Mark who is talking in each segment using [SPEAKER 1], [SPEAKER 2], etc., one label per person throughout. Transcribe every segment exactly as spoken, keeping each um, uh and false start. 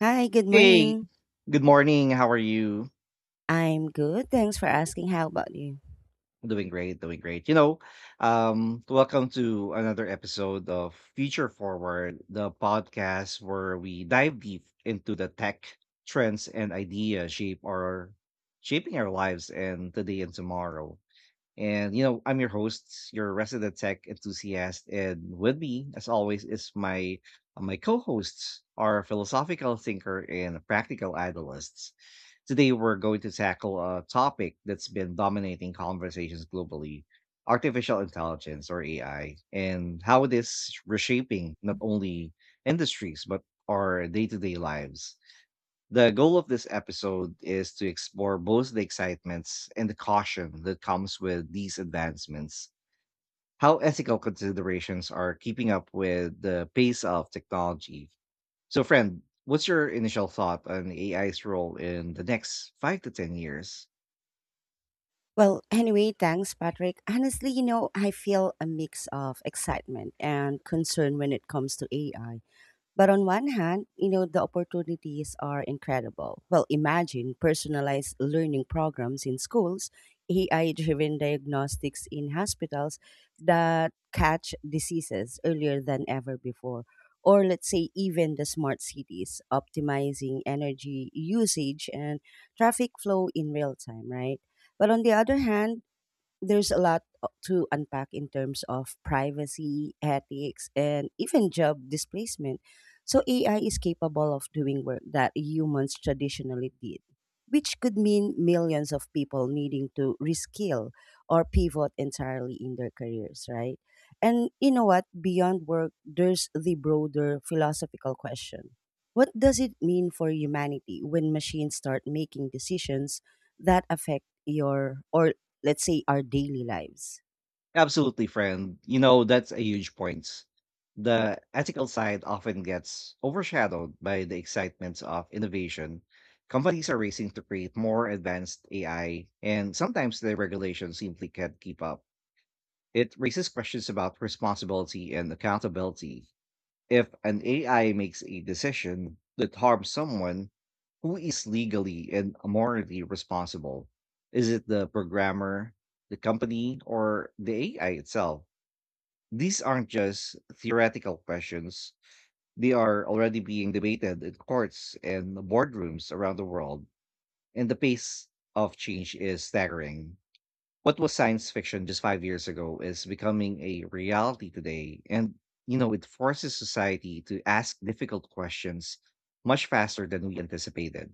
[SPEAKER 1] Hi, good
[SPEAKER 2] Hey,
[SPEAKER 1] morning.
[SPEAKER 2] good morning. How are you?
[SPEAKER 1] I'm good. Thanks for asking. How about you?
[SPEAKER 2] Doing great, doing great. You know, um, welcome to another episode of Future Forward, the podcast where we dive deep into the tech trends and ideas shape our shaping our lives and today and tomorrow. And, you know, I'm your host, your resident tech enthusiast. And with me, as always, is my uh, my co-hosts, our philosophical thinker and practical idealists. Today, we're going to tackle a topic that's been dominating conversations globally, artificial intelligence or A I, and how it is reshaping not only industries, but our day-to-day lives. The goal of this episode is to explore both the excitements and the caution that comes with these advancements, how ethical considerations are keeping up with the pace of technology. So, friend, what's your initial thought on A I's role in the next five to ten years?
[SPEAKER 1] Well, anyway, thanks, Patrick. Honestly, you know, I feel a mix of excitement and concern when it comes to A I. But on one hand, you know, the opportunities are incredible. Well, imagine personalized learning programs in schools, A I driven diagnostics in hospitals that catch diseases earlier than ever before. Or let's say, even the smart cities optimizing energy usage and traffic flow in real time, right? But on the other hand, there's a lot o- to unpack in terms of privacy, ethics, and even job displacement. So A I is capable of doing work that humans traditionally did, which could mean millions of people needing to reskill or pivot entirely in their careers, right? And you know what? Beyond work, there's the broader philosophical question. What does it mean for humanity when machines start making decisions that affect your, or let's say, our daily lives.
[SPEAKER 2] Absolutely, friend. You know, that's a huge point. The ethical side often gets overshadowed by the excitements of innovation. Companies are racing to create more advanced A I, and sometimes the regulations simply can't keep up. It raises questions about responsibility and accountability. If an A I makes a decision that harms someone, who is legally and morally responsible? Is it the programmer, the company, or the A I itself? These aren't just theoretical questions, they are already being debated in courts and boardrooms around the world, and the pace of change is staggering. What was science fiction just five years ago is becoming a reality today, and you know, it forces society to ask difficult questions much faster than we anticipated.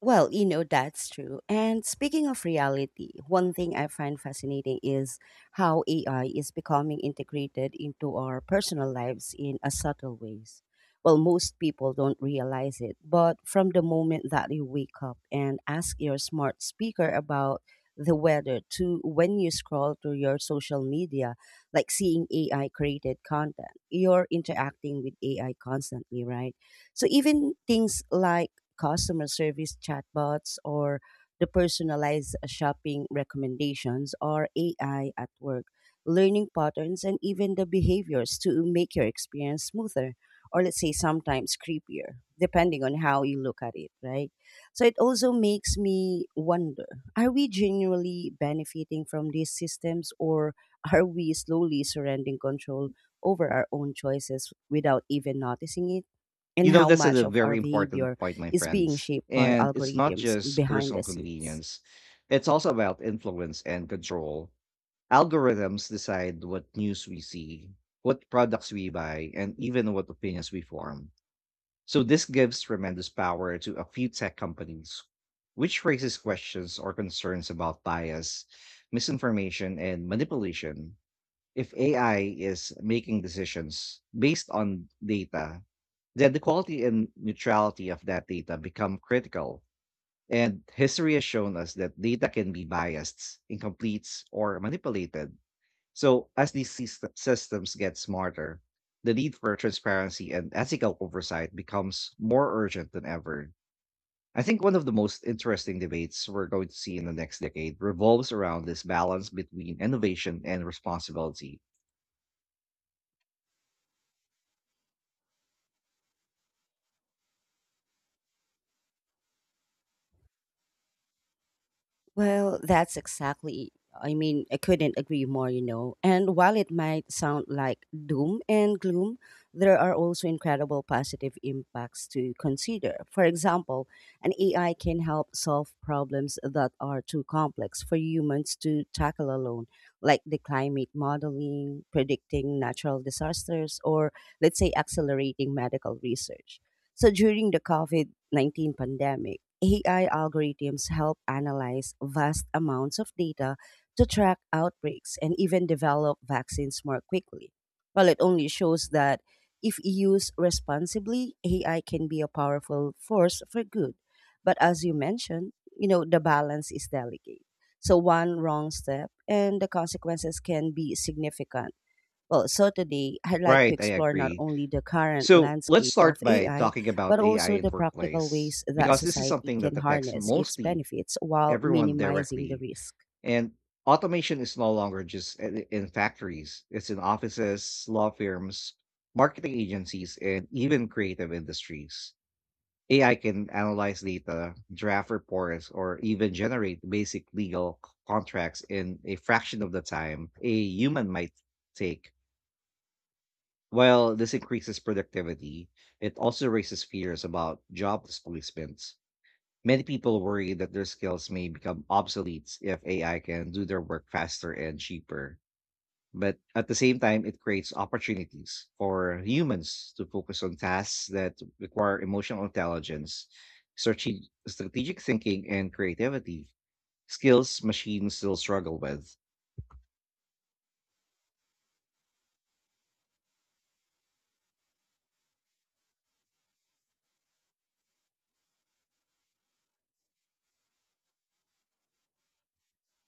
[SPEAKER 1] Well, you know, that's true. And speaking of reality, one thing I find fascinating is how A I is becoming integrated into our personal lives in a subtle ways. Well, most people don't realize it, but from the moment that you wake up and ask your smart speaker about the weather to when you scroll through your social media, like seeing A I created content, you're interacting with A I constantly, right? So even things like customer service chatbots or the personalized shopping recommendations or A I at work, learning patterns, and even the behaviors to make your experience smoother, or let's say sometimes creepier, depending on how you look at it, right? So it also makes me wonder, are we genuinely benefiting from these systems, or are we slowly surrendering control over our own choices without even noticing it?
[SPEAKER 2] You
[SPEAKER 1] And
[SPEAKER 2] know,
[SPEAKER 1] how
[SPEAKER 2] that's
[SPEAKER 1] much
[SPEAKER 2] a
[SPEAKER 1] of our
[SPEAKER 2] very important
[SPEAKER 1] behavior
[SPEAKER 2] point, my
[SPEAKER 1] is being
[SPEAKER 2] friends.
[SPEAKER 1] shaped by
[SPEAKER 2] And it's not
[SPEAKER 1] algorithms
[SPEAKER 2] just
[SPEAKER 1] behind the
[SPEAKER 2] personal
[SPEAKER 1] scenes.
[SPEAKER 2] convenience, it's also about influence and control. Algorithms decide what news we see, what products we buy, and even what opinions we form. So this gives tremendous power to a few tech companies, which raises questions or concerns about bias, misinformation, and manipulation. If A I is making decisions based on data, then the quality and neutrality of that data become critical. And history has shown us that data can be biased, incomplete, or manipulated. So, as these syst- systems get smarter, the need for transparency and ethical oversight becomes more urgent than ever. I think one of the most interesting debates we're going to see in the next decade revolves around this balance between innovation and responsibility.
[SPEAKER 1] Well, that's exactly. I mean, I couldn't agree more, you know. And while it might sound like doom and gloom, there are also incredible positive impacts to consider. For example, an A I can help solve problems that are too complex for humans to tackle alone, like the climate modeling, predicting natural disasters, or let's say accelerating medical research. So during the COVID nineteen pandemic, A I algorithms help analyze vast amounts of data to track outbreaks and even develop vaccines more quickly. Well, it only shows that if used responsibly, A I can be a powerful force for good. But as you mentioned, you know, the balance is delicate. So one wrong step and the consequences can be significant. Well, so today I'd like
[SPEAKER 2] Right,
[SPEAKER 1] to
[SPEAKER 2] I
[SPEAKER 1] explore not
[SPEAKER 2] agree.
[SPEAKER 1] only the current
[SPEAKER 2] So, let's
[SPEAKER 1] landscape
[SPEAKER 2] start
[SPEAKER 1] of
[SPEAKER 2] by
[SPEAKER 1] A I,
[SPEAKER 2] talking about
[SPEAKER 1] but
[SPEAKER 2] A I
[SPEAKER 1] also
[SPEAKER 2] in
[SPEAKER 1] the
[SPEAKER 2] the
[SPEAKER 1] practical
[SPEAKER 2] workplace,
[SPEAKER 1] ways that
[SPEAKER 2] because this is
[SPEAKER 1] society
[SPEAKER 2] something that
[SPEAKER 1] can
[SPEAKER 2] affects
[SPEAKER 1] harness its
[SPEAKER 2] mostly
[SPEAKER 1] benefits while
[SPEAKER 2] everyone
[SPEAKER 1] minimizing the
[SPEAKER 2] directly.
[SPEAKER 1] risk.
[SPEAKER 2] And automation is no longer just i- in factories. It's in offices, law firms, marketing agencies, and even creative industries. A I can analyze data, draft reports, or even generate basic legal c- contracts in a fraction of the time a human might take. While this increases productivity, it also raises fears about job displacements. Many people worry that their skills may become obsolete if A I can do their work faster and cheaper. But at the same time, it creates opportunities for humans to focus on tasks that require emotional intelligence, strate- strategic thinking, and creativity, skills machines still struggle with.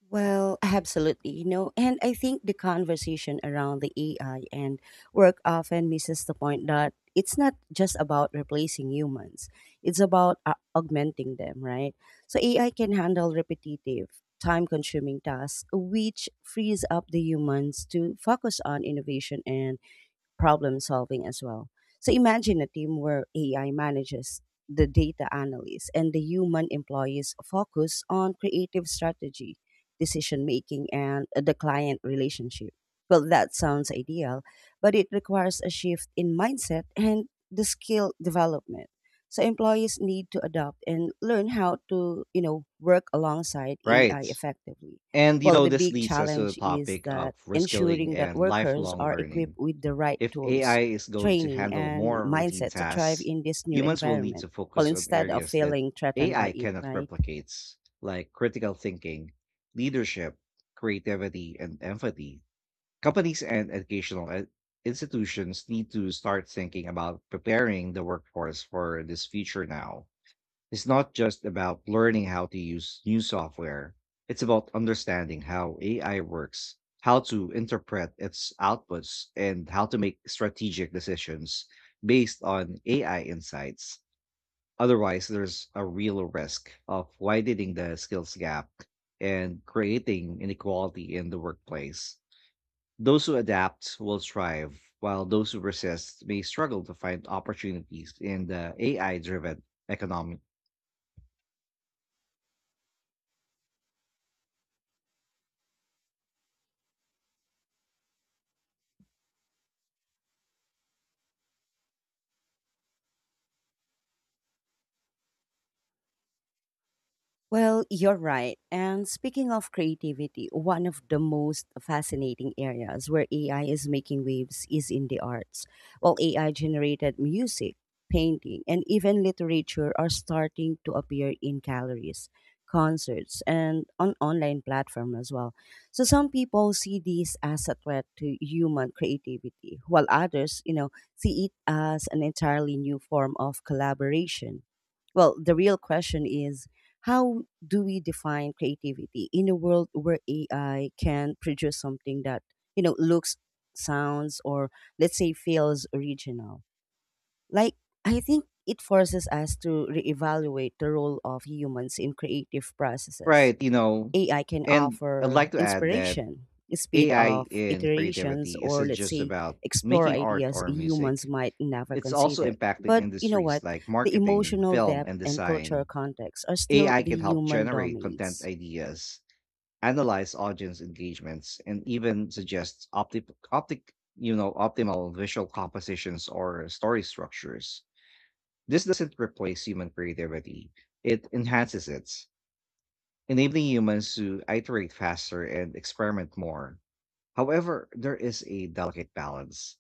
[SPEAKER 1] Well, absolutely. You know, and I think the conversation around the A I and work often misses the point that it's not just about replacing humans. It's about uh, augmenting them, right? So A I can handle repetitive, time-consuming tasks which frees up the humans to focus on innovation and problem solving as well. So imagine a team where A I manages the data analyst and the human employees focus on creative strategy, decision making, and the client relationship. Well, that sounds ideal, but it requires a shift in mindset and the skill development. So employees need to adopt and learn how to, you know, work alongside
[SPEAKER 2] Right.
[SPEAKER 1] A I effectively.
[SPEAKER 2] And, you
[SPEAKER 1] Well,
[SPEAKER 2] know,
[SPEAKER 1] the
[SPEAKER 2] this
[SPEAKER 1] big
[SPEAKER 2] leads us to the
[SPEAKER 1] challenge is
[SPEAKER 2] topic of
[SPEAKER 1] that
[SPEAKER 2] reskilling
[SPEAKER 1] ensuring that
[SPEAKER 2] and
[SPEAKER 1] workers
[SPEAKER 2] lifelong
[SPEAKER 1] are equipped
[SPEAKER 2] learning.
[SPEAKER 1] with the right
[SPEAKER 2] If A I
[SPEAKER 1] tools,
[SPEAKER 2] is going to
[SPEAKER 1] training,
[SPEAKER 2] handle
[SPEAKER 1] and
[SPEAKER 2] more routine
[SPEAKER 1] mindset to thrive
[SPEAKER 2] tasks,
[SPEAKER 1] in this new
[SPEAKER 2] humans will need
[SPEAKER 1] environment,
[SPEAKER 2] to
[SPEAKER 1] well,
[SPEAKER 2] focus on
[SPEAKER 1] instead of
[SPEAKER 2] areas that
[SPEAKER 1] feeling threatened by
[SPEAKER 2] A I
[SPEAKER 1] it,
[SPEAKER 2] cannot
[SPEAKER 1] right?
[SPEAKER 2] replicate, like critical thinking, leadership, creativity, and empathy. Companies and educational e- institutions need to start thinking about preparing the workforce for this future now. It's not just about learning how to use new software, it's about understanding how A I works, how to interpret its outputs, and how to make strategic decisions based on A I insights. Otherwise, there's a real risk of widening the skills gap and creating inequality in the workplace. Those who adapt will thrive, while those who resist may struggle to find opportunities in the A I driven economic.
[SPEAKER 1] Well, you're right. And speaking of creativity, one of the most fascinating areas where A I is making waves is in the arts. While A I generated music, painting, and even literature are starting to appear in galleries, concerts, and on online platform as well. So some people see this as a threat to human creativity, while others, you know, see it as an entirely new form of collaboration. Well, the real question is, how do we define creativity in a world where A I can produce something that, you know, looks, sounds, or let's say feels original? Like, I think it forces us to reevaluate the role of humans in creative processes.
[SPEAKER 2] Right, you know,
[SPEAKER 1] A I can
[SPEAKER 2] and I'd
[SPEAKER 1] offer
[SPEAKER 2] like to add that
[SPEAKER 1] inspiration, speed
[SPEAKER 2] A I
[SPEAKER 1] of
[SPEAKER 2] in
[SPEAKER 1] iterations,
[SPEAKER 2] creativity
[SPEAKER 1] or
[SPEAKER 2] isn't
[SPEAKER 1] let's
[SPEAKER 2] just
[SPEAKER 1] say
[SPEAKER 2] about
[SPEAKER 1] explore
[SPEAKER 2] making art
[SPEAKER 1] ideas
[SPEAKER 2] or
[SPEAKER 1] humans
[SPEAKER 2] music.
[SPEAKER 1] might never
[SPEAKER 2] It's also
[SPEAKER 1] consider.
[SPEAKER 2] impacting
[SPEAKER 1] But you know
[SPEAKER 2] industries
[SPEAKER 1] what?
[SPEAKER 2] like
[SPEAKER 1] The
[SPEAKER 2] marketing,
[SPEAKER 1] emotional
[SPEAKER 2] film,
[SPEAKER 1] depth
[SPEAKER 2] and
[SPEAKER 1] and cultural
[SPEAKER 2] design.
[SPEAKER 1] context are still
[SPEAKER 2] A I
[SPEAKER 1] the
[SPEAKER 2] can help
[SPEAKER 1] human
[SPEAKER 2] generate content
[SPEAKER 1] domains.
[SPEAKER 2] ideas, analyze audience engagements, and even suggest opti optic, you know, optimal visual compositions or story structures. This doesn't replace human creativity. It enhances it, enabling humans to iterate faster and experiment more. However, there is a delicate balance.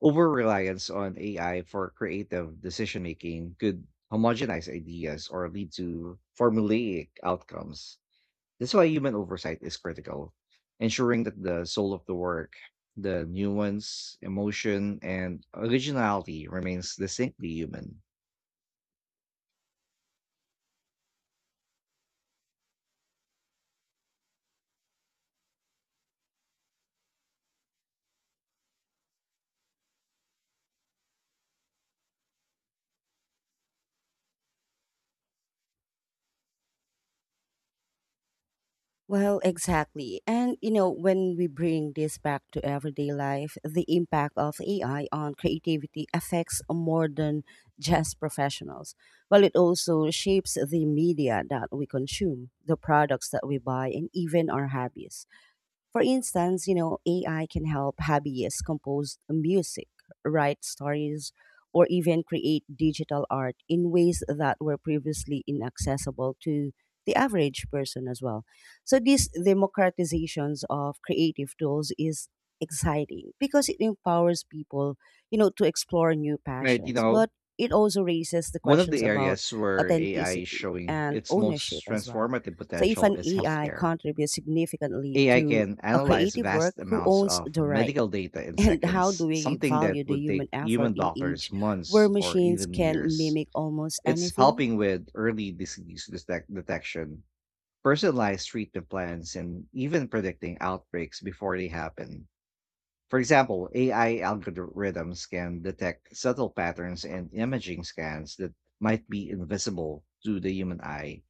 [SPEAKER 2] Over reliance on A I for creative decision making could homogenize ideas or lead to formulaic outcomes. That's why human oversight is critical, ensuring that the soul of the work, the nuance, emotion, and originality remains distinctly human.
[SPEAKER 1] Well, exactly. And, you know, when we bring this back to everyday life, the impact of A I on creativity affects more than just professionals. Well, it also shapes the media that we consume, the products that we buy, and even our hobbies. For instance, you know, A I can help hobbyists compose music, write stories, or even create digital art in ways that were previously inaccessible to the average person as well. So these democratizations of creative tools is exciting because it empowers people, you know, to explore new
[SPEAKER 2] Right, you
[SPEAKER 1] passions.
[SPEAKER 2] know,
[SPEAKER 1] But it also raises the
[SPEAKER 2] One of
[SPEAKER 1] questions
[SPEAKER 2] the
[SPEAKER 1] about
[SPEAKER 2] areas where A I is
[SPEAKER 1] authenticity
[SPEAKER 2] showing
[SPEAKER 1] and
[SPEAKER 2] its
[SPEAKER 1] ownership
[SPEAKER 2] most
[SPEAKER 1] as well.
[SPEAKER 2] transformative
[SPEAKER 1] So if
[SPEAKER 2] potential
[SPEAKER 1] an
[SPEAKER 2] is
[SPEAKER 1] A I
[SPEAKER 2] healthcare.
[SPEAKER 1] contributes significantly
[SPEAKER 2] A I
[SPEAKER 1] to
[SPEAKER 2] can
[SPEAKER 1] a
[SPEAKER 2] analyze
[SPEAKER 1] creative work,
[SPEAKER 2] vast
[SPEAKER 1] who
[SPEAKER 2] amounts
[SPEAKER 1] owns
[SPEAKER 2] of
[SPEAKER 1] the right?
[SPEAKER 2] medical data in
[SPEAKER 1] And how do
[SPEAKER 2] seconds,
[SPEAKER 1] we
[SPEAKER 2] something that
[SPEAKER 1] value the
[SPEAKER 2] would
[SPEAKER 1] human
[SPEAKER 2] take
[SPEAKER 1] effort
[SPEAKER 2] human
[SPEAKER 1] in age
[SPEAKER 2] doctors
[SPEAKER 1] where
[SPEAKER 2] months or
[SPEAKER 1] machines
[SPEAKER 2] even
[SPEAKER 1] can
[SPEAKER 2] years.
[SPEAKER 1] mimic almost
[SPEAKER 2] It's
[SPEAKER 1] anything?
[SPEAKER 2] helping with early disease detec- detection, personalized treatment plans, and even predicting outbreaks before they happen. For example, A I algorithms can detect subtle patterns and imaging scans that might be invisible to the human eye,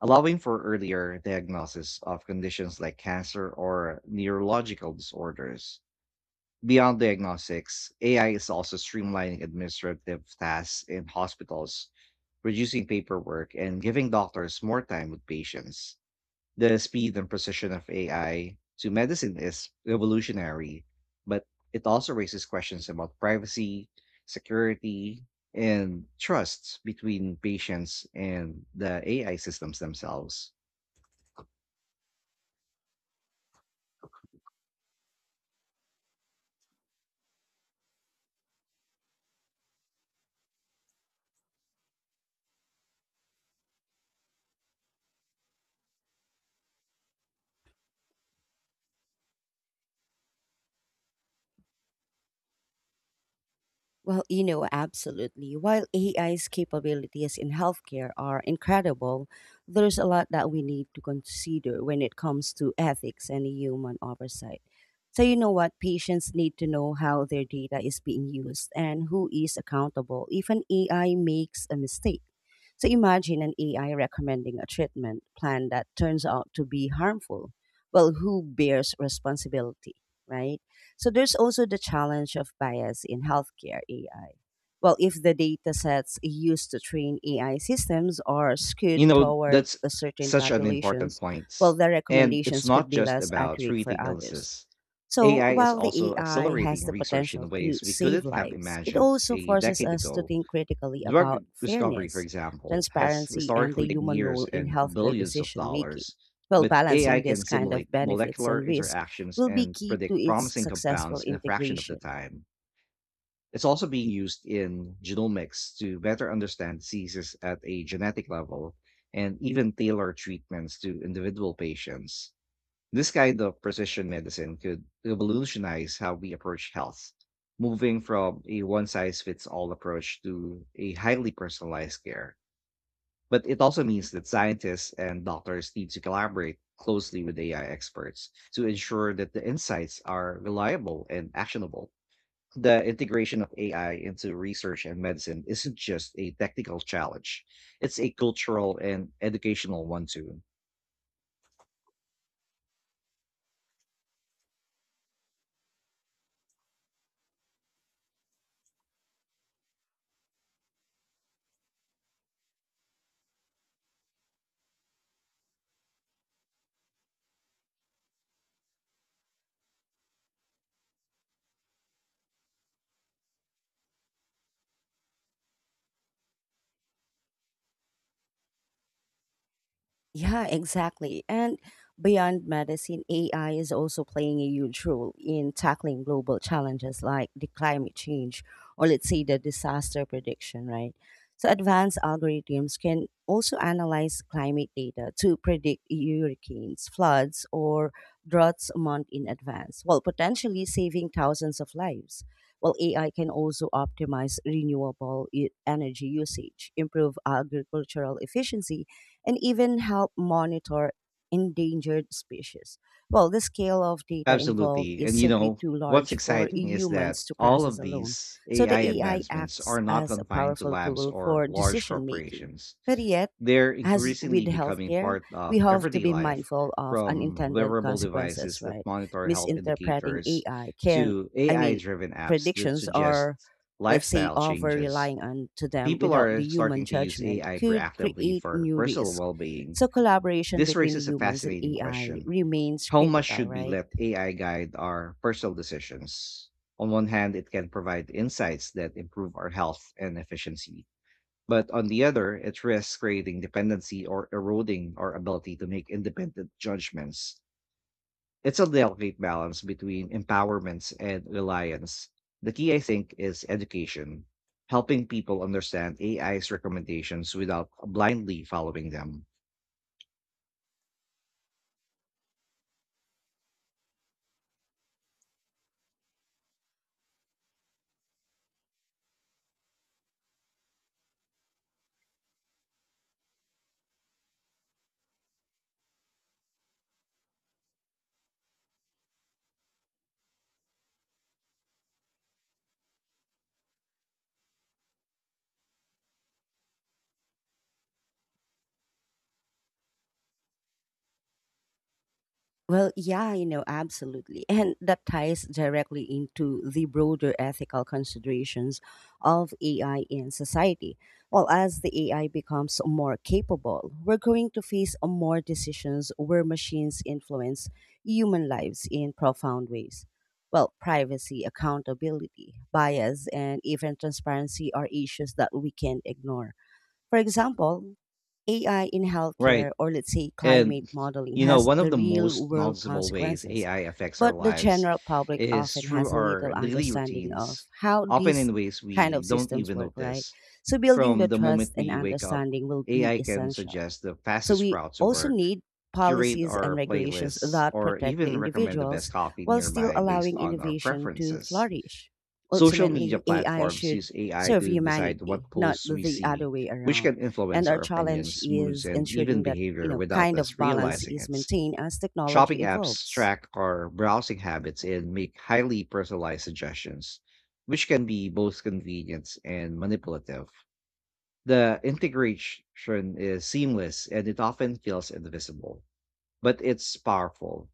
[SPEAKER 2] allowing for earlier diagnosis of conditions like cancer or neurological disorders. Beyond diagnostics, A I is also streamlining administrative tasks in hospitals, reducing paperwork, and giving doctors more time with patients. The speed and precision of A I to medicine is revolutionary, but it also raises questions about privacy, security, and trust between patients and the A I systems themselves.
[SPEAKER 1] Well, you know, absolutely. While A I's capabilities in healthcare are incredible, there's a lot that we need to consider when it comes to ethics and human oversight. So, you know what? Patients need to know how their data is being used and who is accountable if an A I makes a mistake. So, imagine an A I recommending a treatment plan that turns out to be harmful. Well, who bears responsibility, right? So there's also the challenge of bias in healthcare A I. Well, if the data sets used to train A I systems are
[SPEAKER 2] You
[SPEAKER 1] skewed
[SPEAKER 2] know,
[SPEAKER 1] toward
[SPEAKER 2] that's
[SPEAKER 1] a certain
[SPEAKER 2] such an important
[SPEAKER 1] populations,
[SPEAKER 2] point.
[SPEAKER 1] well, the
[SPEAKER 2] And it's
[SPEAKER 1] recommendations could
[SPEAKER 2] not
[SPEAKER 1] be
[SPEAKER 2] just
[SPEAKER 1] less
[SPEAKER 2] about
[SPEAKER 1] accurate for
[SPEAKER 2] treating
[SPEAKER 1] others.
[SPEAKER 2] illnesses.
[SPEAKER 1] So
[SPEAKER 2] A I is
[SPEAKER 1] while the
[SPEAKER 2] also
[SPEAKER 1] A I
[SPEAKER 2] accelerating
[SPEAKER 1] has the
[SPEAKER 2] research in
[SPEAKER 1] potential to
[SPEAKER 2] ways we
[SPEAKER 1] save
[SPEAKER 2] couldn't have
[SPEAKER 1] lives, it
[SPEAKER 2] imagined
[SPEAKER 1] also
[SPEAKER 2] a
[SPEAKER 1] forces
[SPEAKER 2] decade
[SPEAKER 1] us to
[SPEAKER 2] ago.
[SPEAKER 1] think critically
[SPEAKER 2] Drug
[SPEAKER 1] about
[SPEAKER 2] discovery, for
[SPEAKER 1] fairness,
[SPEAKER 2] example, has
[SPEAKER 1] transparency, and the
[SPEAKER 2] historically taken
[SPEAKER 1] human
[SPEAKER 2] years
[SPEAKER 1] role in
[SPEAKER 2] and uh,
[SPEAKER 1] healthcare
[SPEAKER 2] billions of
[SPEAKER 1] decision making.
[SPEAKER 2] dollars,
[SPEAKER 1] Well,
[SPEAKER 2] but A I
[SPEAKER 1] balancing
[SPEAKER 2] can
[SPEAKER 1] this kind
[SPEAKER 2] simulate
[SPEAKER 1] of benefits
[SPEAKER 2] molecular
[SPEAKER 1] and risk
[SPEAKER 2] interactions
[SPEAKER 1] will be
[SPEAKER 2] and
[SPEAKER 1] key to
[SPEAKER 2] predict
[SPEAKER 1] its
[SPEAKER 2] promising
[SPEAKER 1] successful
[SPEAKER 2] compounds in a fraction of the
[SPEAKER 1] integration.
[SPEAKER 2] time. It's also being used in genomics to better understand diseases at a genetic level and even tailor treatments to individual patients. This kind of precision medicine could revolutionize how we approach health, moving from a one size fits all approach to a highly personalized care. But it also means that scientists and doctors need to collaborate closely with A I experts to ensure that the insights are reliable and actionable. The integration of A I into research and medicine isn't just a technical challenge, it's a cultural and educational one too.
[SPEAKER 1] Yeah, exactly. And beyond medicine, A I is also playing a huge role in tackling global challenges like the climate change, or let's say the disaster prediction, right? So advanced algorithms can also analyze climate data to predict hurricanes, floods, or droughts a month in advance, while potentially saving thousands of lives. While A I can also optimize renewable e- energy usage, improve agricultural efficiency, and even help monitor endangered species. Well, the scale of data involved
[SPEAKER 2] Absolutely. And
[SPEAKER 1] is
[SPEAKER 2] you
[SPEAKER 1] simply
[SPEAKER 2] know,
[SPEAKER 1] too
[SPEAKER 2] what's
[SPEAKER 1] large for
[SPEAKER 2] exciting is that
[SPEAKER 1] humans to
[SPEAKER 2] all
[SPEAKER 1] process
[SPEAKER 2] of
[SPEAKER 1] alone.
[SPEAKER 2] these
[SPEAKER 1] So the
[SPEAKER 2] A I
[SPEAKER 1] A I
[SPEAKER 2] advancements
[SPEAKER 1] acts
[SPEAKER 2] are not
[SPEAKER 1] as a
[SPEAKER 2] confined to
[SPEAKER 1] powerful
[SPEAKER 2] labs
[SPEAKER 1] tool
[SPEAKER 2] or
[SPEAKER 1] for
[SPEAKER 2] large
[SPEAKER 1] decision making.
[SPEAKER 2] corporations.
[SPEAKER 1] But yet,
[SPEAKER 2] They're
[SPEAKER 1] as with
[SPEAKER 2] increasingly becoming
[SPEAKER 1] healthcare,
[SPEAKER 2] part
[SPEAKER 1] we
[SPEAKER 2] of
[SPEAKER 1] have to
[SPEAKER 2] everyday
[SPEAKER 1] be
[SPEAKER 2] life,
[SPEAKER 1] mindful of
[SPEAKER 2] from
[SPEAKER 1] unintended
[SPEAKER 2] wearable
[SPEAKER 1] consequences,
[SPEAKER 2] devices that
[SPEAKER 1] right?
[SPEAKER 2] monitor health
[SPEAKER 1] Misinterpreting
[SPEAKER 2] indicators
[SPEAKER 1] AI can,
[SPEAKER 2] to
[SPEAKER 1] I
[SPEAKER 2] A I
[SPEAKER 1] mean,
[SPEAKER 2] driven apps that
[SPEAKER 1] predictions are,
[SPEAKER 2] suggest
[SPEAKER 1] let's say,
[SPEAKER 2] lifestyle
[SPEAKER 1] over
[SPEAKER 2] changes.
[SPEAKER 1] relying on to them
[SPEAKER 2] People
[SPEAKER 1] without
[SPEAKER 2] are
[SPEAKER 1] the human
[SPEAKER 2] starting to use
[SPEAKER 1] judgment
[SPEAKER 2] A I
[SPEAKER 1] could
[SPEAKER 2] proactively
[SPEAKER 1] create
[SPEAKER 2] for
[SPEAKER 1] new
[SPEAKER 2] personal
[SPEAKER 1] risk.
[SPEAKER 2] well being.
[SPEAKER 1] So collaboration
[SPEAKER 2] This
[SPEAKER 1] between
[SPEAKER 2] raises a
[SPEAKER 1] humans and
[SPEAKER 2] fascinating
[SPEAKER 1] A I
[SPEAKER 2] question:
[SPEAKER 1] remains
[SPEAKER 2] how much
[SPEAKER 1] critical,
[SPEAKER 2] should we
[SPEAKER 1] right?
[SPEAKER 2] let A I guide our personal decisions? On one hand, it can provide insights that improve our health and efficiency. But on the other, it risks creating dependency or eroding our ability to make independent judgments. It's a delicate balance between empowerments and reliance. The key, I think, is education, helping people understand A I's recommendations without blindly following them.
[SPEAKER 1] Well, yeah, you know, absolutely. And that ties directly into the broader ethical considerations of A I in society. Well, as the A I becomes more capable, we're going to face more decisions where machines influence human lives in profound ways. Well, privacy, accountability, bias, and even transparency are issues that we can't ignore. For example, A I in
[SPEAKER 2] Right.
[SPEAKER 1] healthcare, or let's say climate
[SPEAKER 2] And
[SPEAKER 1] modeling,
[SPEAKER 2] you know,
[SPEAKER 1] has
[SPEAKER 2] one of
[SPEAKER 1] the
[SPEAKER 2] the
[SPEAKER 1] real
[SPEAKER 2] most
[SPEAKER 1] world
[SPEAKER 2] noticeable ways
[SPEAKER 1] consequences,
[SPEAKER 2] A I affects our
[SPEAKER 1] but the
[SPEAKER 2] lives
[SPEAKER 1] general public
[SPEAKER 2] is
[SPEAKER 1] often
[SPEAKER 2] through
[SPEAKER 1] has a
[SPEAKER 2] our
[SPEAKER 1] little
[SPEAKER 2] daily
[SPEAKER 1] understanding
[SPEAKER 2] routines,
[SPEAKER 1] of how
[SPEAKER 2] often
[SPEAKER 1] these
[SPEAKER 2] in ways
[SPEAKER 1] kind
[SPEAKER 2] we
[SPEAKER 1] of
[SPEAKER 2] don't
[SPEAKER 1] systems
[SPEAKER 2] even
[SPEAKER 1] work, right?
[SPEAKER 2] notice.
[SPEAKER 1] So building
[SPEAKER 2] From
[SPEAKER 1] the
[SPEAKER 2] the moment
[SPEAKER 1] trust and
[SPEAKER 2] we wake up,
[SPEAKER 1] understanding will be
[SPEAKER 2] A I can
[SPEAKER 1] essential.
[SPEAKER 2] suggest the
[SPEAKER 1] So
[SPEAKER 2] fastest
[SPEAKER 1] we
[SPEAKER 2] route to
[SPEAKER 1] also
[SPEAKER 2] work,
[SPEAKER 1] need
[SPEAKER 2] curate
[SPEAKER 1] policies and
[SPEAKER 2] our
[SPEAKER 1] regulations
[SPEAKER 2] playlists,
[SPEAKER 1] that
[SPEAKER 2] or
[SPEAKER 1] protect the
[SPEAKER 2] even recommend the best
[SPEAKER 1] individuals
[SPEAKER 2] coffee
[SPEAKER 1] while still
[SPEAKER 2] nearby based
[SPEAKER 1] allowing
[SPEAKER 2] on our
[SPEAKER 1] innovation to
[SPEAKER 2] preferences.
[SPEAKER 1] flourish.
[SPEAKER 2] Social media
[SPEAKER 1] Ultimately, A I
[SPEAKER 2] platforms
[SPEAKER 1] should
[SPEAKER 2] use A I
[SPEAKER 1] serve
[SPEAKER 2] to decide
[SPEAKER 1] humanity,
[SPEAKER 2] what
[SPEAKER 1] not
[SPEAKER 2] posts we
[SPEAKER 1] the
[SPEAKER 2] see,
[SPEAKER 1] other way
[SPEAKER 2] which
[SPEAKER 1] around.
[SPEAKER 2] can
[SPEAKER 1] And
[SPEAKER 2] influence
[SPEAKER 1] our
[SPEAKER 2] our
[SPEAKER 1] challenge
[SPEAKER 2] opinions, moods,
[SPEAKER 1] is
[SPEAKER 2] and even
[SPEAKER 1] ensuring that, you
[SPEAKER 2] behavior
[SPEAKER 1] know,
[SPEAKER 2] without
[SPEAKER 1] kind of
[SPEAKER 2] us
[SPEAKER 1] balance
[SPEAKER 2] realizing
[SPEAKER 1] is
[SPEAKER 2] it.
[SPEAKER 1] maintained as technology
[SPEAKER 2] Shopping apps
[SPEAKER 1] evolves.
[SPEAKER 2] track our browsing habits and make highly personalized suggestions, which can be both convenient and manipulative. The integration is seamless and it often feels invisible, but it's powerful.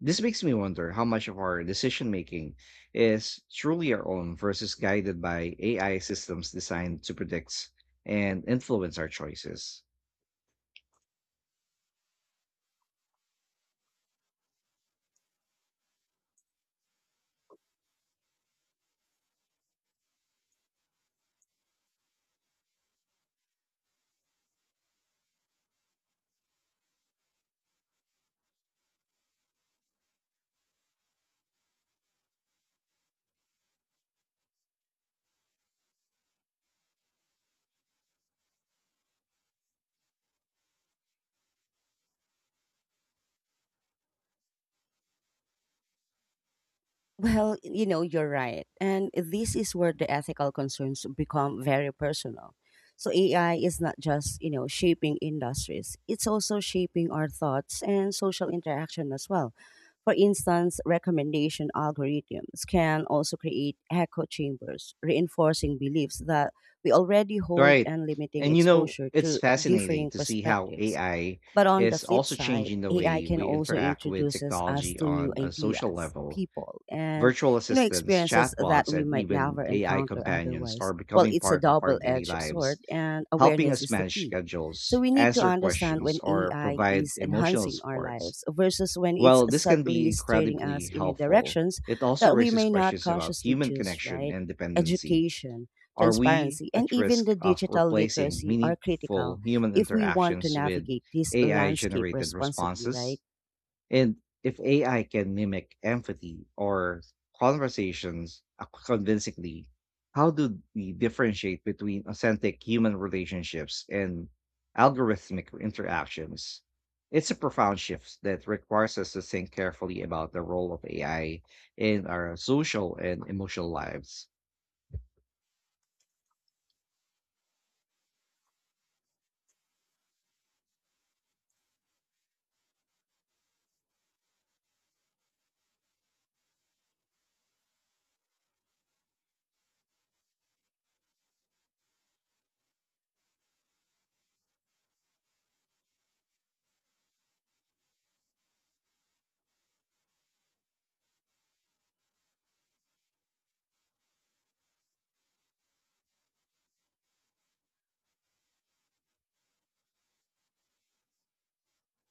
[SPEAKER 2] This makes me wonder how much of our decision making is truly our own versus guided by A I systems designed to predict and influence our choices.
[SPEAKER 1] Well, you know, you're right. And this is where the ethical concerns become very personal. So A I is not just, you know, shaping industries. It's also shaping our thoughts and social interaction as well. For instance, recommendation algorithms can also create echo chambers, reinforcing beliefs that we already hold
[SPEAKER 2] Right.
[SPEAKER 1] and limiting
[SPEAKER 2] And you know,
[SPEAKER 1] exposure
[SPEAKER 2] it's
[SPEAKER 1] to
[SPEAKER 2] fascinating
[SPEAKER 1] differing
[SPEAKER 2] to see how
[SPEAKER 1] perspectives.
[SPEAKER 2] A I
[SPEAKER 1] But on the
[SPEAKER 2] is
[SPEAKER 1] flip
[SPEAKER 2] also
[SPEAKER 1] side,
[SPEAKER 2] changing the
[SPEAKER 1] A I
[SPEAKER 2] way
[SPEAKER 1] can
[SPEAKER 2] we
[SPEAKER 1] also
[SPEAKER 2] interact with
[SPEAKER 1] introduces us
[SPEAKER 2] technology
[SPEAKER 1] to new
[SPEAKER 2] on a social
[SPEAKER 1] ideas,
[SPEAKER 2] level.
[SPEAKER 1] people, and,
[SPEAKER 2] Virtual
[SPEAKER 1] you know,
[SPEAKER 2] assistants,
[SPEAKER 1] experiences that
[SPEAKER 2] chatbots,
[SPEAKER 1] we
[SPEAKER 2] and
[SPEAKER 1] might
[SPEAKER 2] even
[SPEAKER 1] never
[SPEAKER 2] A I
[SPEAKER 1] encounter
[SPEAKER 2] companions are
[SPEAKER 1] otherwise. Well,
[SPEAKER 2] becoming
[SPEAKER 1] it's a
[SPEAKER 2] part of our daily
[SPEAKER 1] double-edged
[SPEAKER 2] lives,
[SPEAKER 1] sword, and
[SPEAKER 2] helping
[SPEAKER 1] awareness
[SPEAKER 2] us
[SPEAKER 1] is the
[SPEAKER 2] manage
[SPEAKER 1] key. So
[SPEAKER 2] schedules,
[SPEAKER 1] we need to
[SPEAKER 2] answer
[SPEAKER 1] understand
[SPEAKER 2] questions,
[SPEAKER 1] when
[SPEAKER 2] or
[SPEAKER 1] A I
[SPEAKER 2] provide
[SPEAKER 1] is
[SPEAKER 2] emotional
[SPEAKER 1] enhancing our
[SPEAKER 2] supports.
[SPEAKER 1] lives versus when it's
[SPEAKER 2] While this can be
[SPEAKER 1] subtly steering
[SPEAKER 2] incredibly
[SPEAKER 1] us in a
[SPEAKER 2] helpful,
[SPEAKER 1] directions
[SPEAKER 2] it also
[SPEAKER 1] that we
[SPEAKER 2] raises
[SPEAKER 1] may not
[SPEAKER 2] questions about
[SPEAKER 1] consciously
[SPEAKER 2] human
[SPEAKER 1] choose.
[SPEAKER 2] connection
[SPEAKER 1] Right?
[SPEAKER 2] and dependency.
[SPEAKER 1] Education,
[SPEAKER 2] Are we
[SPEAKER 1] transparency, and
[SPEAKER 2] at
[SPEAKER 1] even
[SPEAKER 2] risk
[SPEAKER 1] the
[SPEAKER 2] of
[SPEAKER 1] digital
[SPEAKER 2] replacing
[SPEAKER 1] literacy are critical
[SPEAKER 2] meaningful human
[SPEAKER 1] if we want to
[SPEAKER 2] interactions with
[SPEAKER 1] navigate this
[SPEAKER 2] A I
[SPEAKER 1] landscape
[SPEAKER 2] generated
[SPEAKER 1] responsibly,
[SPEAKER 2] responses?
[SPEAKER 1] right?
[SPEAKER 2] And if A I can mimic empathy or conversations ac- convincingly, how do we differentiate between authentic human relationships and algorithmic interactions? It's a profound shift that requires us to think carefully about the role of A I in our social and emotional lives.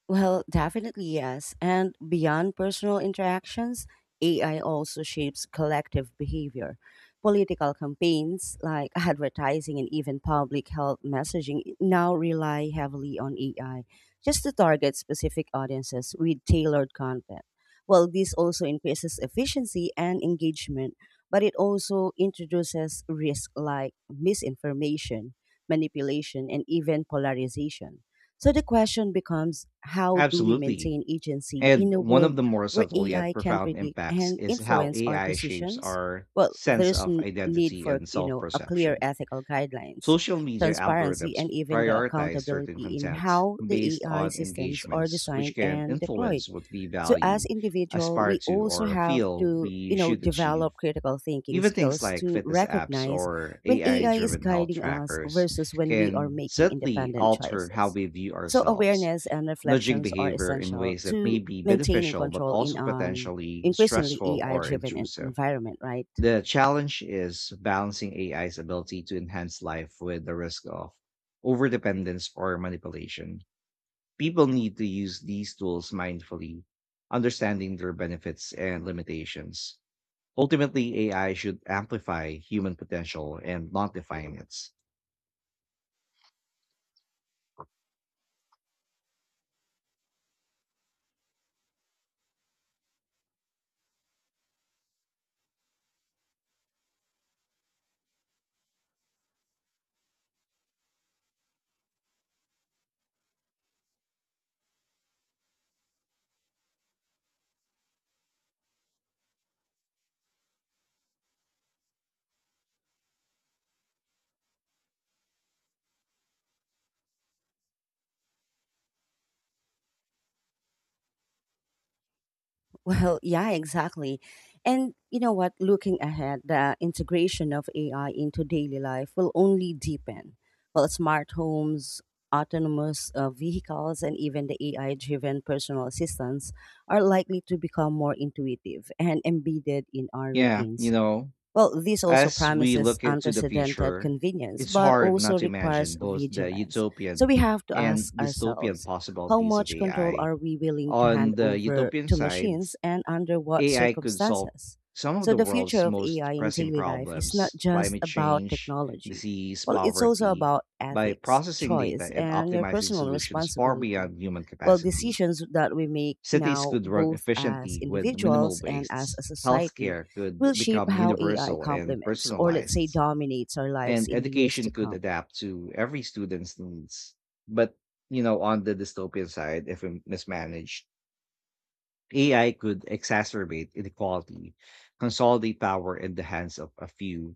[SPEAKER 1] Well, definitely yes. And beyond personal interactions, A I also shapes collective behavior. Political campaigns like advertising and even public health messaging now rely heavily on A I just to target specific audiences with tailored content. Well, this also increases efficiency and engagement, but it also introduces risk like misinformation, manipulation, and even polarization. So the question becomes, how do we
[SPEAKER 2] Absolutely.
[SPEAKER 1] maintain agency
[SPEAKER 2] And
[SPEAKER 1] in a
[SPEAKER 2] one of
[SPEAKER 1] world
[SPEAKER 2] the more
[SPEAKER 1] where
[SPEAKER 2] subtle yet
[SPEAKER 1] A I can
[SPEAKER 2] profound
[SPEAKER 1] predict
[SPEAKER 2] impacts
[SPEAKER 1] and
[SPEAKER 2] is how
[SPEAKER 1] influence our
[SPEAKER 2] A I shapes
[SPEAKER 1] decisions?
[SPEAKER 2] our
[SPEAKER 1] Well,
[SPEAKER 2] sense
[SPEAKER 1] there's
[SPEAKER 2] of
[SPEAKER 1] n- need
[SPEAKER 2] identity
[SPEAKER 1] for,
[SPEAKER 2] and
[SPEAKER 1] you
[SPEAKER 2] self
[SPEAKER 1] know, a clear
[SPEAKER 2] perception.
[SPEAKER 1] ethical guidelines,
[SPEAKER 2] Social media
[SPEAKER 1] transparency
[SPEAKER 2] algorithms
[SPEAKER 1] and even the
[SPEAKER 2] prioritize certain
[SPEAKER 1] accountability in
[SPEAKER 2] content
[SPEAKER 1] how the
[SPEAKER 2] based
[SPEAKER 1] A I
[SPEAKER 2] on
[SPEAKER 1] systems are
[SPEAKER 2] engagements, which
[SPEAKER 1] designed
[SPEAKER 2] can
[SPEAKER 1] and deployed.
[SPEAKER 2] influence what we
[SPEAKER 1] So as
[SPEAKER 2] value,
[SPEAKER 1] individual
[SPEAKER 2] aspire
[SPEAKER 1] we
[SPEAKER 2] to,
[SPEAKER 1] also
[SPEAKER 2] or
[SPEAKER 1] have
[SPEAKER 2] feel
[SPEAKER 1] to,
[SPEAKER 2] we
[SPEAKER 1] you know,
[SPEAKER 2] should achieve.
[SPEAKER 1] develop critical thinking
[SPEAKER 2] Even things
[SPEAKER 1] skills
[SPEAKER 2] like
[SPEAKER 1] to
[SPEAKER 2] fitness apps
[SPEAKER 1] recognize
[SPEAKER 2] or
[SPEAKER 1] when
[SPEAKER 2] A I
[SPEAKER 1] A I is
[SPEAKER 2] driven health
[SPEAKER 1] guiding us
[SPEAKER 2] trackers
[SPEAKER 1] versus when we are
[SPEAKER 2] can
[SPEAKER 1] making
[SPEAKER 2] subtly
[SPEAKER 1] independent
[SPEAKER 2] alter how
[SPEAKER 1] choices.
[SPEAKER 2] we view
[SPEAKER 1] So
[SPEAKER 2] ourselves,
[SPEAKER 1] awareness and
[SPEAKER 2] nudging
[SPEAKER 1] reflections are
[SPEAKER 2] behavior in
[SPEAKER 1] essential
[SPEAKER 2] ways that may
[SPEAKER 1] to
[SPEAKER 2] be
[SPEAKER 1] maintaining
[SPEAKER 2] beneficial but
[SPEAKER 1] control in
[SPEAKER 2] also
[SPEAKER 1] an
[SPEAKER 2] potentially
[SPEAKER 1] increasingly
[SPEAKER 2] stressful
[SPEAKER 1] A I
[SPEAKER 2] or
[SPEAKER 1] driven
[SPEAKER 2] intrusive.
[SPEAKER 1] environment, right?
[SPEAKER 2] The challenge is balancing A I's ability to enhance life with the risk of overdependence or manipulation. People need to use these tools mindfully, understanding their benefits and limitations. Ultimately, A I should amplify human potential and not define it.
[SPEAKER 1] Well, yeah, exactly. And you know what? Looking ahead, the integration of A I into daily life will only deepen. Well, smart homes, autonomous uh, vehicles, and even the A I driven personal assistants are likely to become more intuitive and embedded in our
[SPEAKER 2] Yeah, you
[SPEAKER 1] routines.
[SPEAKER 2] know,
[SPEAKER 1] Well, this also
[SPEAKER 2] as we
[SPEAKER 1] promises
[SPEAKER 2] look at to the
[SPEAKER 1] unprecedented
[SPEAKER 2] future,
[SPEAKER 1] convenience,
[SPEAKER 2] it's
[SPEAKER 1] but
[SPEAKER 2] hard not
[SPEAKER 1] also
[SPEAKER 2] to
[SPEAKER 1] requires
[SPEAKER 2] imagine both the
[SPEAKER 1] vigilance. So
[SPEAKER 2] utopian
[SPEAKER 1] we have to
[SPEAKER 2] and
[SPEAKER 1] ask
[SPEAKER 2] dystopian
[SPEAKER 1] ourselves, how
[SPEAKER 2] possibilities of
[SPEAKER 1] much control
[SPEAKER 2] A I.
[SPEAKER 1] are we willing to hand
[SPEAKER 2] On the
[SPEAKER 1] over
[SPEAKER 2] utopian
[SPEAKER 1] to
[SPEAKER 2] side,
[SPEAKER 1] machines and under what
[SPEAKER 2] A I could solve
[SPEAKER 1] circumstances?
[SPEAKER 2] some of
[SPEAKER 1] So
[SPEAKER 2] the
[SPEAKER 1] the future
[SPEAKER 2] world's
[SPEAKER 1] of
[SPEAKER 2] most
[SPEAKER 1] A I in
[SPEAKER 2] pressing
[SPEAKER 1] daily life is not
[SPEAKER 2] problems:
[SPEAKER 1] just
[SPEAKER 2] climate
[SPEAKER 1] about
[SPEAKER 2] change,
[SPEAKER 1] technology.
[SPEAKER 2] disease,
[SPEAKER 1] Well, it's also
[SPEAKER 2] poverty,
[SPEAKER 1] about
[SPEAKER 2] by
[SPEAKER 1] ethics,
[SPEAKER 2] processing data
[SPEAKER 1] choice,
[SPEAKER 2] and
[SPEAKER 1] and your
[SPEAKER 2] optimizing
[SPEAKER 1] personal
[SPEAKER 2] solutions far
[SPEAKER 1] responsibility.
[SPEAKER 2] beyond human
[SPEAKER 1] Well,
[SPEAKER 2] capacity.
[SPEAKER 1] decisions that we make
[SPEAKER 2] Cities
[SPEAKER 1] now,
[SPEAKER 2] could run
[SPEAKER 1] both as
[SPEAKER 2] efficiently with minimal
[SPEAKER 1] individuals and as a
[SPEAKER 2] wastes.
[SPEAKER 1] society,
[SPEAKER 2] Healthcare
[SPEAKER 1] will
[SPEAKER 2] could
[SPEAKER 1] shape
[SPEAKER 2] become
[SPEAKER 1] how A I
[SPEAKER 2] universal and
[SPEAKER 1] complements or, let's say,
[SPEAKER 2] personalized,
[SPEAKER 1] dominates our lives
[SPEAKER 2] and
[SPEAKER 1] in the years
[SPEAKER 2] education
[SPEAKER 1] to
[SPEAKER 2] could
[SPEAKER 1] come.
[SPEAKER 2] adapt to every student's needs. But, you know, on the dystopian side, if we mismanaged, A I could exacerbate inequality, consolidate power in the hands of a few,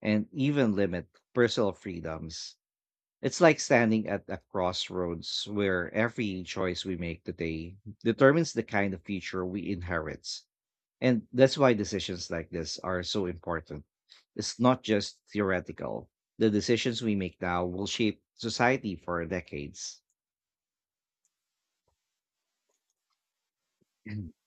[SPEAKER 2] and even limit personal freedoms. It's like standing at a crossroads where every choice we make today determines the kind of future we inherit. And that's why decisions like this are so important. It's not just theoretical. The decisions we make now will shape society for decades.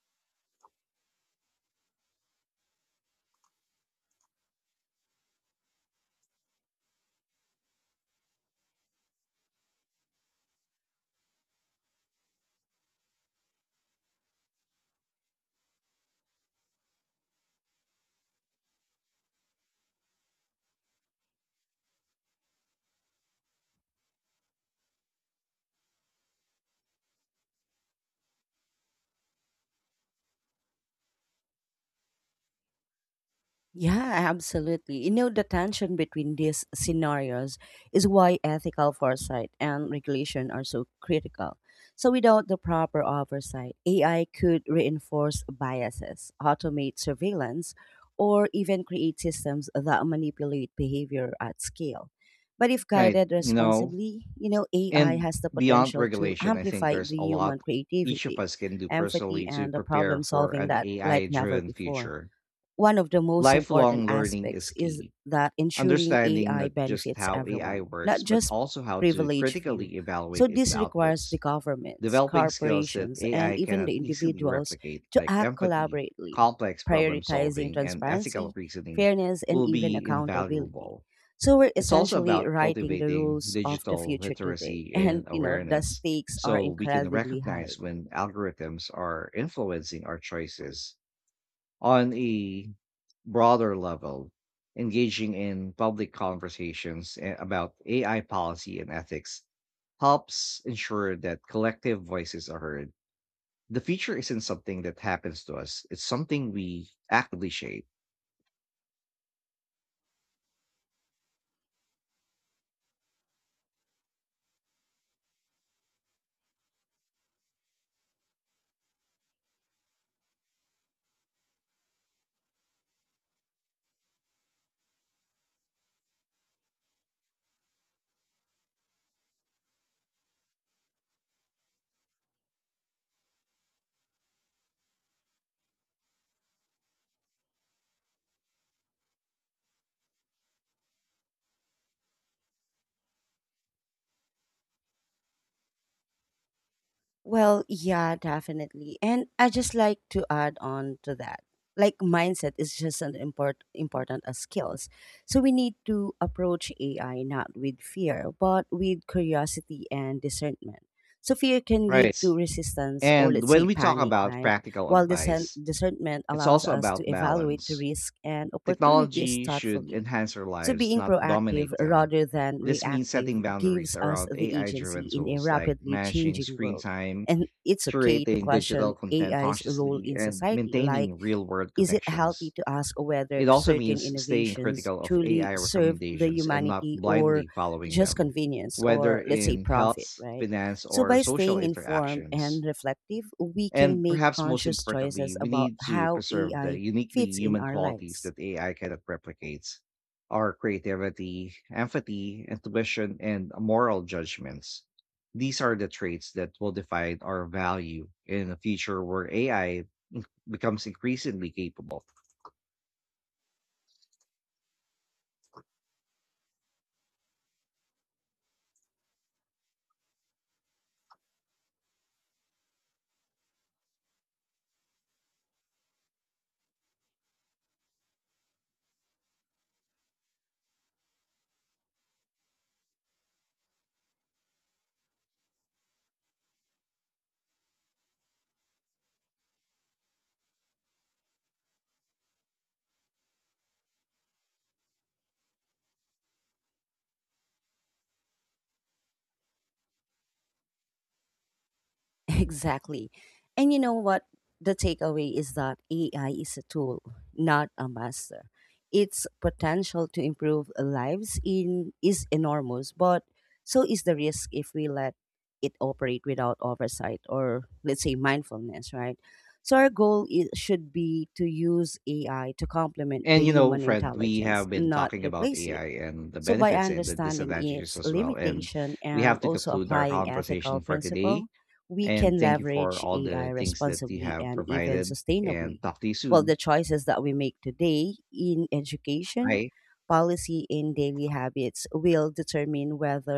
[SPEAKER 1] Yeah, absolutely. You know, the tension between these scenarios is why ethical foresight and regulation are so critical. So, without the proper oversight, A I could reinforce biases, automate surveillance, or even create systems that manipulate behavior at scale. But if
[SPEAKER 2] Right.
[SPEAKER 1] guided
[SPEAKER 2] You know,
[SPEAKER 1] responsibly, you know, A I
[SPEAKER 2] And
[SPEAKER 1] has the
[SPEAKER 2] beyond
[SPEAKER 1] potential to
[SPEAKER 2] regulation, I think
[SPEAKER 1] amplify
[SPEAKER 2] there's
[SPEAKER 1] the
[SPEAKER 2] a
[SPEAKER 1] human
[SPEAKER 2] lot each of
[SPEAKER 1] creativity,
[SPEAKER 2] us can do
[SPEAKER 1] empathy,
[SPEAKER 2] personally to
[SPEAKER 1] and the
[SPEAKER 2] prepare
[SPEAKER 1] problem
[SPEAKER 2] for
[SPEAKER 1] solving
[SPEAKER 2] an
[SPEAKER 1] that
[SPEAKER 2] A I
[SPEAKER 1] like never
[SPEAKER 2] driven
[SPEAKER 1] before.
[SPEAKER 2] future.
[SPEAKER 1] One of the most
[SPEAKER 2] Lifelong
[SPEAKER 1] important
[SPEAKER 2] learning is
[SPEAKER 1] aspects is
[SPEAKER 2] key.
[SPEAKER 1] that ensuring
[SPEAKER 2] Understanding
[SPEAKER 1] A I
[SPEAKER 2] not just
[SPEAKER 1] benefits
[SPEAKER 2] how A I
[SPEAKER 1] everyone, not
[SPEAKER 2] works, but
[SPEAKER 1] just
[SPEAKER 2] also how to
[SPEAKER 1] privileged few.
[SPEAKER 2] critically
[SPEAKER 1] So
[SPEAKER 2] evaluate its
[SPEAKER 1] this requires
[SPEAKER 2] outputs.
[SPEAKER 1] the governments,
[SPEAKER 2] Developing skills that
[SPEAKER 1] corporations, and
[SPEAKER 2] A I
[SPEAKER 1] even
[SPEAKER 2] cannot
[SPEAKER 1] the
[SPEAKER 2] easily
[SPEAKER 1] individuals
[SPEAKER 2] replicate,
[SPEAKER 1] to
[SPEAKER 2] like
[SPEAKER 1] act
[SPEAKER 2] empathy,
[SPEAKER 1] collaboratively,
[SPEAKER 2] complex problem
[SPEAKER 1] prioritizing
[SPEAKER 2] solving, and ethical
[SPEAKER 1] transparency,
[SPEAKER 2] reasoning,
[SPEAKER 1] fairness, and
[SPEAKER 2] will
[SPEAKER 1] even
[SPEAKER 2] be
[SPEAKER 1] accountability.
[SPEAKER 2] invaluable.
[SPEAKER 1] So we're
[SPEAKER 2] It's also
[SPEAKER 1] essentially
[SPEAKER 2] about
[SPEAKER 1] writing the
[SPEAKER 2] cultivating
[SPEAKER 1] rules of the
[SPEAKER 2] digital
[SPEAKER 1] future today,
[SPEAKER 2] literacy
[SPEAKER 1] and
[SPEAKER 2] and
[SPEAKER 1] you know the
[SPEAKER 2] awareness
[SPEAKER 1] stakes are
[SPEAKER 2] so we can
[SPEAKER 1] incredibly high.
[SPEAKER 2] recognize when algorithms are influencing our choices. On a broader level, engaging in public conversations a- about A I policy and ethics helps ensure that collective voices are heard. The future isn't something that happens to us, it's something we actively shape.
[SPEAKER 1] Well, yeah, definitely. And I just like to add on to that. Like mindset is just as import, important as skills. So we need to approach A I not with fear, but with curiosity and discernment. So fear can lead
[SPEAKER 2] Right.
[SPEAKER 1] to resistance or,
[SPEAKER 2] And
[SPEAKER 1] let's
[SPEAKER 2] when
[SPEAKER 1] say,
[SPEAKER 2] we talk
[SPEAKER 1] panic,
[SPEAKER 2] about
[SPEAKER 1] right?
[SPEAKER 2] practical
[SPEAKER 1] While discern,
[SPEAKER 2] advice,
[SPEAKER 1] discernment
[SPEAKER 2] it's
[SPEAKER 1] allows
[SPEAKER 2] also
[SPEAKER 1] us
[SPEAKER 2] about
[SPEAKER 1] to evaluate the
[SPEAKER 2] balance.
[SPEAKER 1] risk and opportunities
[SPEAKER 2] Technology should
[SPEAKER 1] thoughtfully.
[SPEAKER 2] enhance our
[SPEAKER 1] So
[SPEAKER 2] lives,
[SPEAKER 1] being
[SPEAKER 2] not
[SPEAKER 1] proactive
[SPEAKER 2] dominate them.
[SPEAKER 1] rather than
[SPEAKER 2] This means
[SPEAKER 1] reactive
[SPEAKER 2] setting boundaries
[SPEAKER 1] gives us
[SPEAKER 2] around
[SPEAKER 1] the
[SPEAKER 2] A I
[SPEAKER 1] agency
[SPEAKER 2] driven
[SPEAKER 1] in a
[SPEAKER 2] tools like
[SPEAKER 1] rapidly
[SPEAKER 2] managing
[SPEAKER 1] changing
[SPEAKER 2] screen
[SPEAKER 1] world.
[SPEAKER 2] time,
[SPEAKER 1] And it's okay to
[SPEAKER 2] curating digital
[SPEAKER 1] question
[SPEAKER 2] content
[SPEAKER 1] A I's role
[SPEAKER 2] consciously,
[SPEAKER 1] in
[SPEAKER 2] and
[SPEAKER 1] society. Like,
[SPEAKER 2] maintaining real world
[SPEAKER 1] is it healthy
[SPEAKER 2] connections.
[SPEAKER 1] to ask whether
[SPEAKER 2] It also
[SPEAKER 1] certain
[SPEAKER 2] means staying
[SPEAKER 1] innovations
[SPEAKER 2] critical of
[SPEAKER 1] truly
[SPEAKER 2] A I
[SPEAKER 1] serve the
[SPEAKER 2] recommendations and not
[SPEAKER 1] humanity or
[SPEAKER 2] blindly following
[SPEAKER 1] just
[SPEAKER 2] them,
[SPEAKER 1] convenience
[SPEAKER 2] whether
[SPEAKER 1] or, let's say,
[SPEAKER 2] in
[SPEAKER 1] profit,
[SPEAKER 2] health,
[SPEAKER 1] right?
[SPEAKER 2] finance,
[SPEAKER 1] So,
[SPEAKER 2] or
[SPEAKER 1] by
[SPEAKER 2] social
[SPEAKER 1] staying informed
[SPEAKER 2] interactions.
[SPEAKER 1] and reflective, we
[SPEAKER 2] And
[SPEAKER 1] can make
[SPEAKER 2] perhaps most
[SPEAKER 1] conscious
[SPEAKER 2] importantly,
[SPEAKER 1] choices
[SPEAKER 2] we
[SPEAKER 1] about
[SPEAKER 2] need to
[SPEAKER 1] how
[SPEAKER 2] preserve the
[SPEAKER 1] A I
[SPEAKER 2] uniquely
[SPEAKER 1] fits in
[SPEAKER 2] human
[SPEAKER 1] our
[SPEAKER 2] qualities
[SPEAKER 1] lives.
[SPEAKER 2] that A I cannot replicate: our creativity, empathy, intuition, and moral judgments. These are the traits that will define our value in a future where A I becomes increasingly capable.
[SPEAKER 1] Exactly. And you know what? The takeaway is that A I is a tool, not a master. Its potential to improve lives in is enormous, but so is the risk if we let it operate without oversight or, let's say, mindfulness, right? So our goal is, should be to use A I to complement
[SPEAKER 2] And
[SPEAKER 1] the
[SPEAKER 2] you know,
[SPEAKER 1] human
[SPEAKER 2] Fred, we
[SPEAKER 1] intelligence,
[SPEAKER 2] have been
[SPEAKER 1] not
[SPEAKER 2] talking about
[SPEAKER 1] replace it.
[SPEAKER 2] A I and the
[SPEAKER 1] So by
[SPEAKER 2] benefits and the
[SPEAKER 1] understanding
[SPEAKER 2] disadvantages
[SPEAKER 1] its
[SPEAKER 2] as well. And
[SPEAKER 1] limitation
[SPEAKER 2] we have
[SPEAKER 1] and
[SPEAKER 2] to
[SPEAKER 1] also
[SPEAKER 2] conclude our
[SPEAKER 1] applying
[SPEAKER 2] conversation
[SPEAKER 1] ethical
[SPEAKER 2] for
[SPEAKER 1] principle,
[SPEAKER 2] today.
[SPEAKER 1] we
[SPEAKER 2] And
[SPEAKER 1] can
[SPEAKER 2] thank you for
[SPEAKER 1] leverage
[SPEAKER 2] all the
[SPEAKER 1] A I
[SPEAKER 2] things that you
[SPEAKER 1] responsibly
[SPEAKER 2] have
[SPEAKER 1] and even
[SPEAKER 2] provided and
[SPEAKER 1] sustainably.
[SPEAKER 2] talk to you
[SPEAKER 1] Well,
[SPEAKER 2] soon.
[SPEAKER 1] the choices that we make today in education,
[SPEAKER 2] Bye.
[SPEAKER 1] policy, and daily habits will determine whether